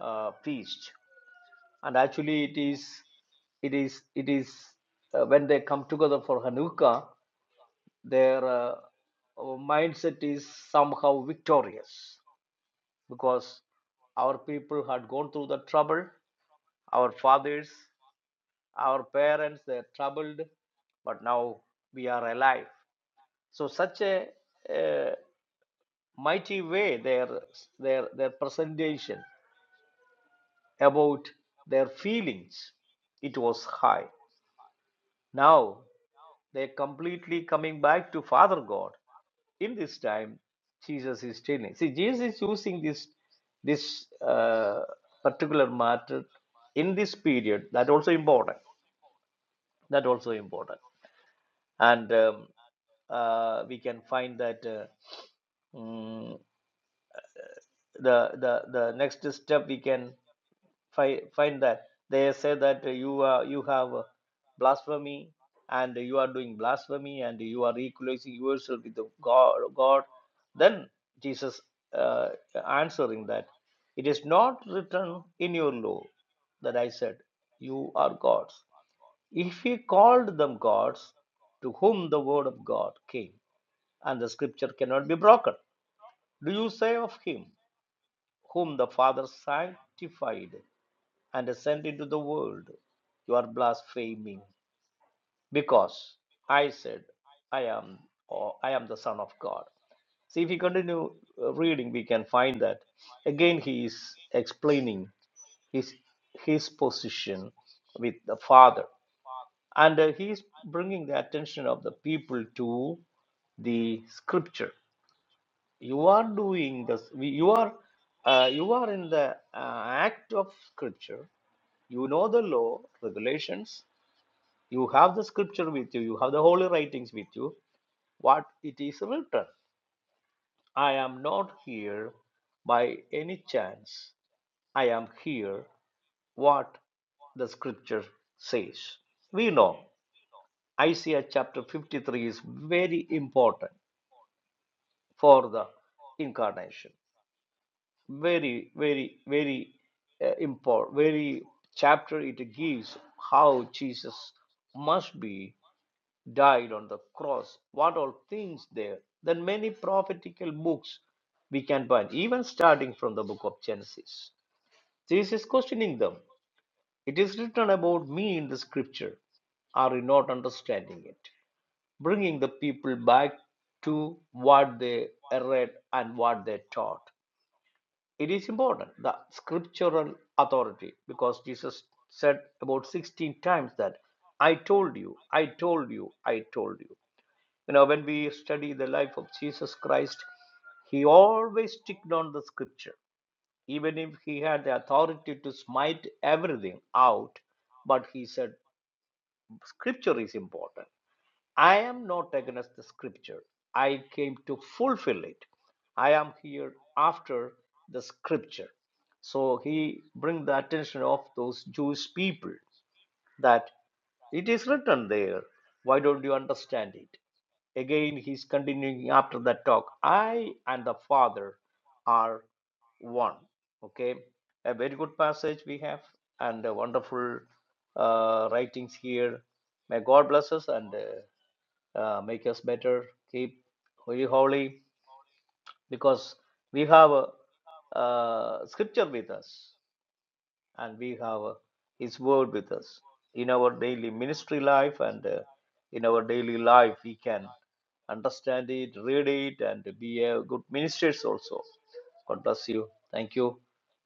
S4: uh, feast, and actually, it is, it is, it is uh, when they come together for Hanukkah, their uh, mindset is somehow victorious because our people had gone through the trouble, our fathers Our parents, they're troubled, but now we are alive. So such a, uh mighty way their their their presentation about their feelings, it was high. Now they're completely coming back to Father God. In this time, Jesus is telling. See, Jesus is using this this uh, particular matter in this period. That also important. That also important. and um, uh, we can find that uh, mm, the the the next step we can fi- find that they say that you are you have uh, blasphemy and you are doing blasphemy and you are equalizing yourself with the god god then jesus uh, answering that it is not written in your law that i said you are gods if he called them gods to whom the word of god came and the scripture cannot be broken. Do you say of him whom the Father sanctified and sent into the world, you are blaspheming because I said I am or I am the Son of God. See, if we continue uh, reading, we can find that again he is explaining his his position with the Father, and uh, he is bringing the attention of the people to the Scripture you are doing this we- you are uh, you are in the uh, act of scripture you know the law regulations you have the scripture with you you have the holy writings with you what it is written i am not here by any chance i am here what the scripture says we know isaiah chapter 53 is very important for the incarnation very very very uh, important very chapter it gives how jesus must be died on the cross what all things there then many prophetical books we can find even starting from the book of genesis jesus is questioning them it is written about me in the scripture are you not understanding it bringing the people back to what they read and what they taught it is important the scriptural authority because Jesus said about 16 times that I told you, I told you, I told you. You know, when we study the life of Jesus Christ, he always sticked on the scripture, even if he had the authority to smite everything out. But he said, Scripture is important I am not against the scripture. I came to fulfill it. I am here after the scripture. So he bring the attention of those Jewish people that it is written there. Why don't you understand it? Again, he's continuing after that talk. I and the Father are one. Okay, a very good passage we have, and a wonderful uh, writings here. May God bless us and. Uh, uh, make us better, keep we holy, because we have a, uh, scripture with us and we have uh, His word with us. In our daily ministry life and uh, in our daily life, we can understand it, read it, and be a good ministers also. God bless you. Thank you.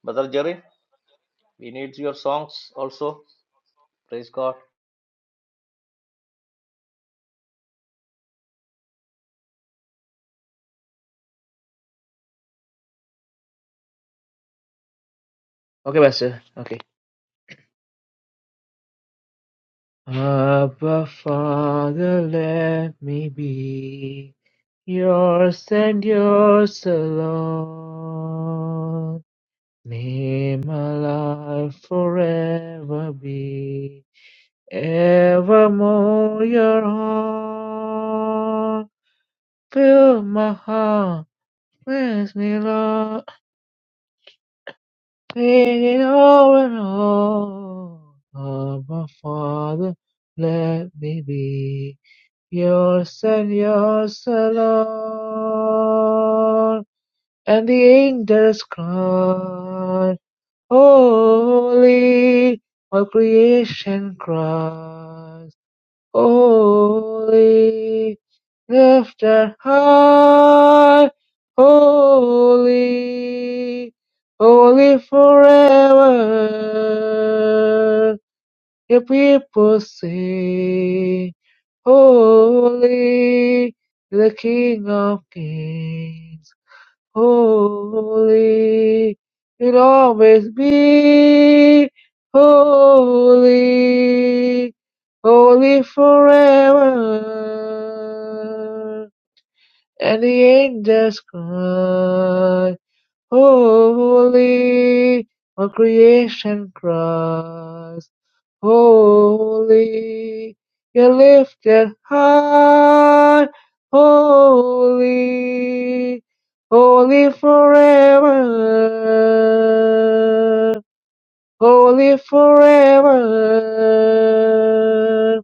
S4: Brother Jerry, we need your songs also. Praise God.
S1: Okay, Pastor. Okay. Abba, Father, let me be yours and yours alone. May my life forever be Evermore your heart Fill my heart bless me, Lord. Make it all and all. Oh, my Father, let me be yours and yours alone. And the angels cry, Holy, all creation cries. Holy, lifted high, holy, holy forever. Your people sing, Holy, the King of Kings holy. You'll always be holy, holy forever. And the angels cry, holy, all creation cries. Holy, you're lifted high. Holy, holy forever. Holy forever.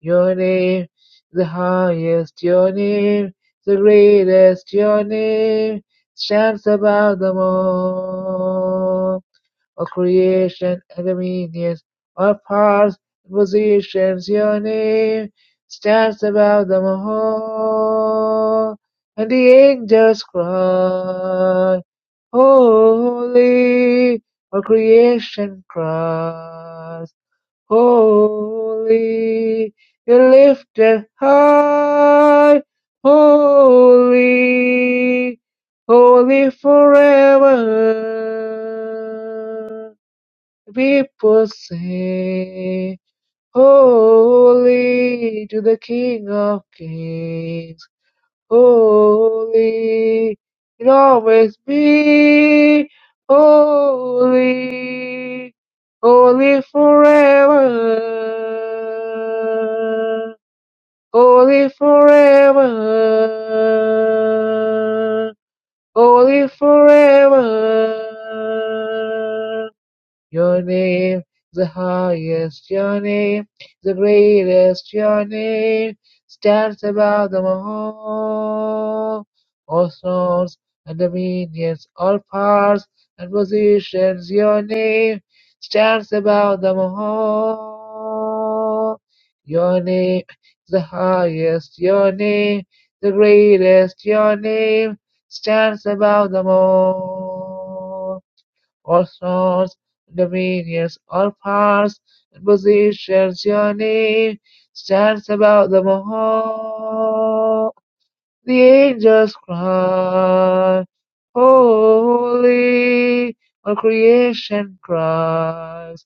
S1: Your name, the highest, your name, the greatest, your name stands above them all or creation and dominions or powers and positions. Your name stands above them all. And the angels cry, Holy, or creation cries, Holy, you're lifted high, Holy, holy forever. People sing, Holy to the King of Kings, Holy, it always be holy, holy forever, holy forever, holy forever. Your name is the highest, your name is the greatest, your name stands above them all. All thrones and dominions, all powers and positions, your name stands above them all. Your name is the highest, your name the greatest, your name stands above them all. All authors, dominions, all parts and positions your name stands above them all. The angels cry, Holy, all creation cries,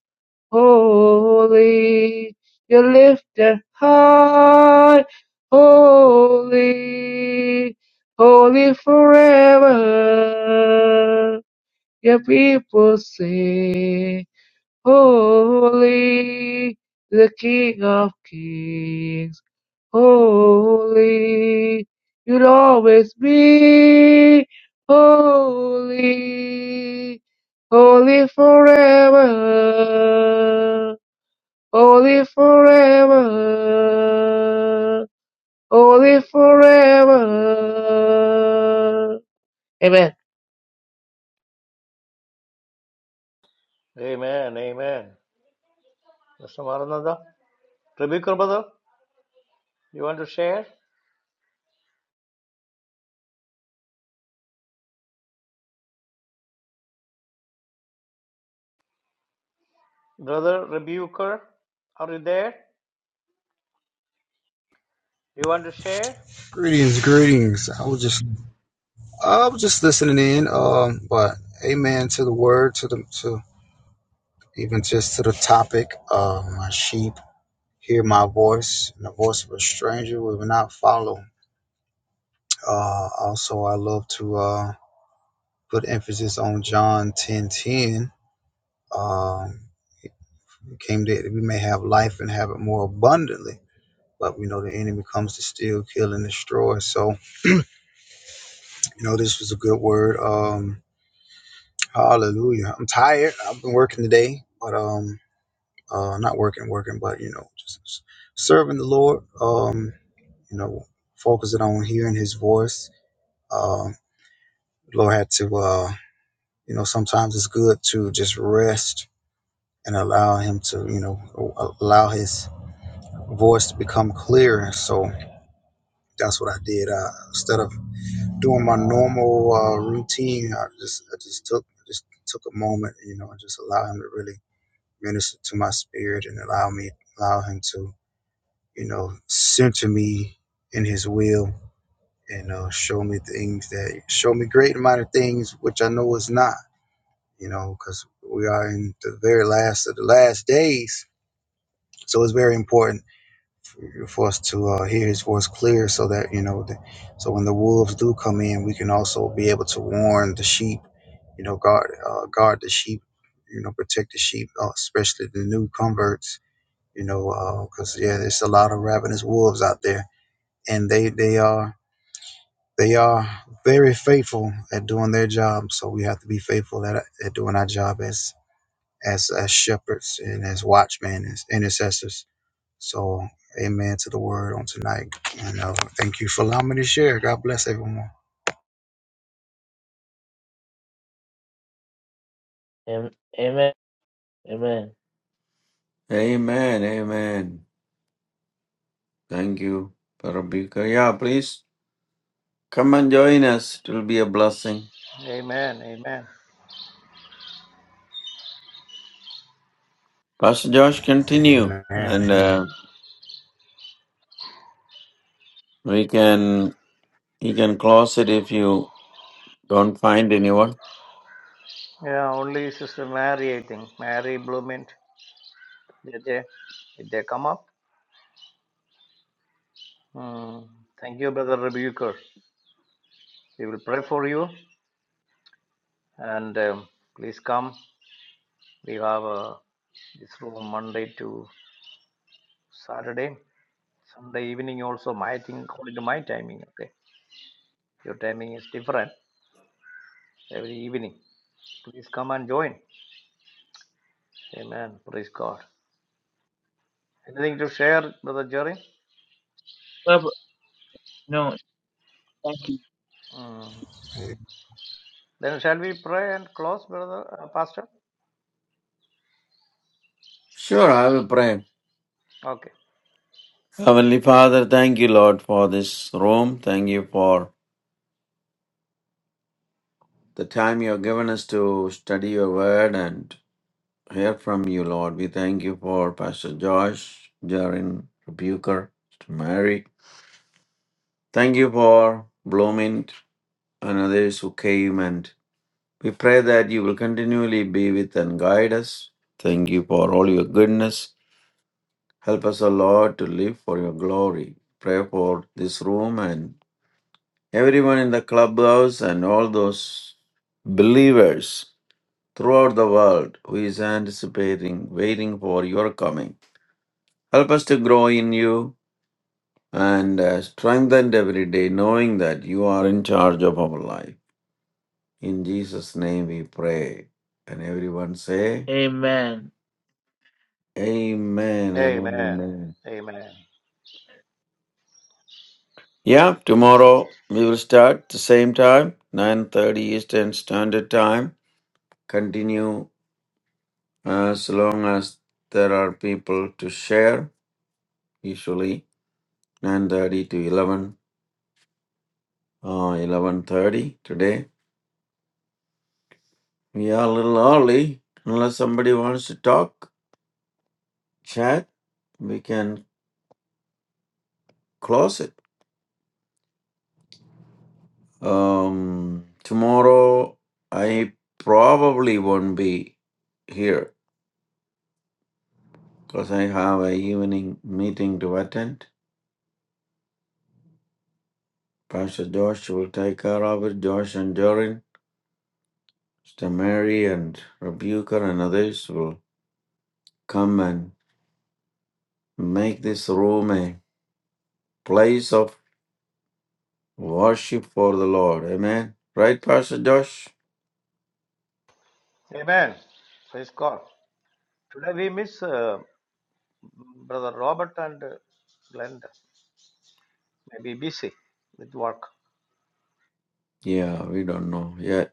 S1: Holy, you're lifted high, Holy, holy forever. Your people sing, Holy, the King of Kings. Holy, you'll always be holy, holy forever, holy forever, holy forever. Amen.
S4: Amen. Amen. Mr. Maranatha. Tribhuvan, brother, you want to share? Brother Rebuker, are you there? You want to share?
S5: Greetings, greetings. I was just I was just listening in, um, but amen to the word, to the to even just to the topic. Uh, my sheep hear my voice, and the voice of a stranger we will not follow. Uh, also, I love to uh, put emphasis on John ten ten. Um, it came that we may have life and have it more abundantly, but we know the enemy comes to steal, kill, and destroy. So You know, this was a good word. Um, hallelujah. I'm tired. I've been working today, but um, uh, not working, working, but you know, just s- serving the Lord. Um, you know, focusing on hearing His voice. Um, Lord had to, uh, you know, sometimes it's good to just rest and allow Him to, you know, a- allow His voice to become clearer. So that's what I did. Uh, instead of doing my normal uh, routine, I just I just took just took a moment, you know, and just allow him to really minister to my spirit and allow me allow him to, you know, center me in his will and uh, show me things that show me great amount of things which I know is not, you know, because we are in the very last of the last days. So it's very important for for us to uh, hear his voice clear so that you know the, so when the wolves do come in we can also be able to warn the sheep you know guard uh, guard the sheep you know protect the sheep uh, especially the new converts you know because yeah there's a lot of ravenous wolves out there and they they are they are very faithful at doing their job so we have to be faithful at, at doing our job as as as shepherds and as watchmen as intercessors so, amen to the word on tonight. And uh, thank you for allowing me to share. God bless everyone.
S1: Amen. Amen. Amen.
S3: Amen, amen. Thank you, Rebuker. Yeah, please come and join us. It will be a blessing.
S4: Amen, amen.
S3: Pastor Josh, continue.
S5: Amen.
S3: And uh,
S5: Amen.
S3: We can you can close it if you don't find anyone.
S4: Yeah, only Sister Mary, I think. Mary Bloomint. Did they, did they come up? Hmm. Thank you, Brother Rebuker. We will pray for you and um, please come. We have uh, this room Monday to Saturday. Sunday evening also, my thing, according to my timing, okay? Your timing is different every evening. Please come and join. Amen. Praise God. Anything to share, Brother Jerry?
S1: Well, no, thank you.
S4: Mm. Then shall we pray and close, brother uh, pastor?
S3: Sure, I will pray.
S4: Okay.
S3: Heavenly Father, thank you, Lord, for this room. Thank you for the time you have given us to study your word and hear from you, Lord. We thank you for Pastor Josh, Jarin, Rebuker, Sister Mary. Thank you for Bloomint and others who came, and we pray that you will continually be with and guide us. Thank you for all your goodness. Help us, O Lord, to live for your glory. Pray for this room and everyone in the clubhouse and all those believers throughout the world who is anticipating, waiting for your coming. Help us to grow in you and uh, strengthened every day, knowing that you are in charge of our life. In Jesus' name we pray. And everyone say,
S1: Amen
S3: Amen and
S4: Amen.
S3: Amen.
S4: Amen.
S3: Yeah, tomorrow we will start the same time, 9.30 Eastern Standard Time. Continue as long as there are people to share, usually 9.30 to 11, uh, 11.30 today We are a little early. Unless somebody wants to talk, chat, we can close it. Um, tomorrow I probably won't be here because I have a evening meeting to attend. Pastor Josh will take care of it. Josh and Jorin, Sister Mary and Rebuker and others will come and make this room a place of worship for the Lord. Amen. Right, Pastor Josh?
S4: Amen. Praise God. Today we miss uh, brother Robert and uh, Glenda. Maybe busy with work.
S3: Yeah, we don't know yet.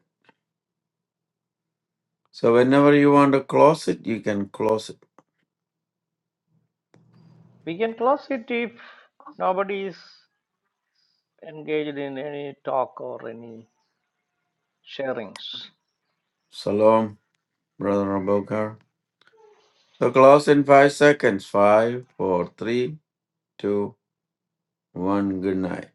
S3: So whenever you want to close it, you can close it.
S4: We can close it if nobody is engaged in any talk or any sharings.
S3: Shalom, Brother Abokar. So close in five seconds. Five, four, three, two, one. Good night.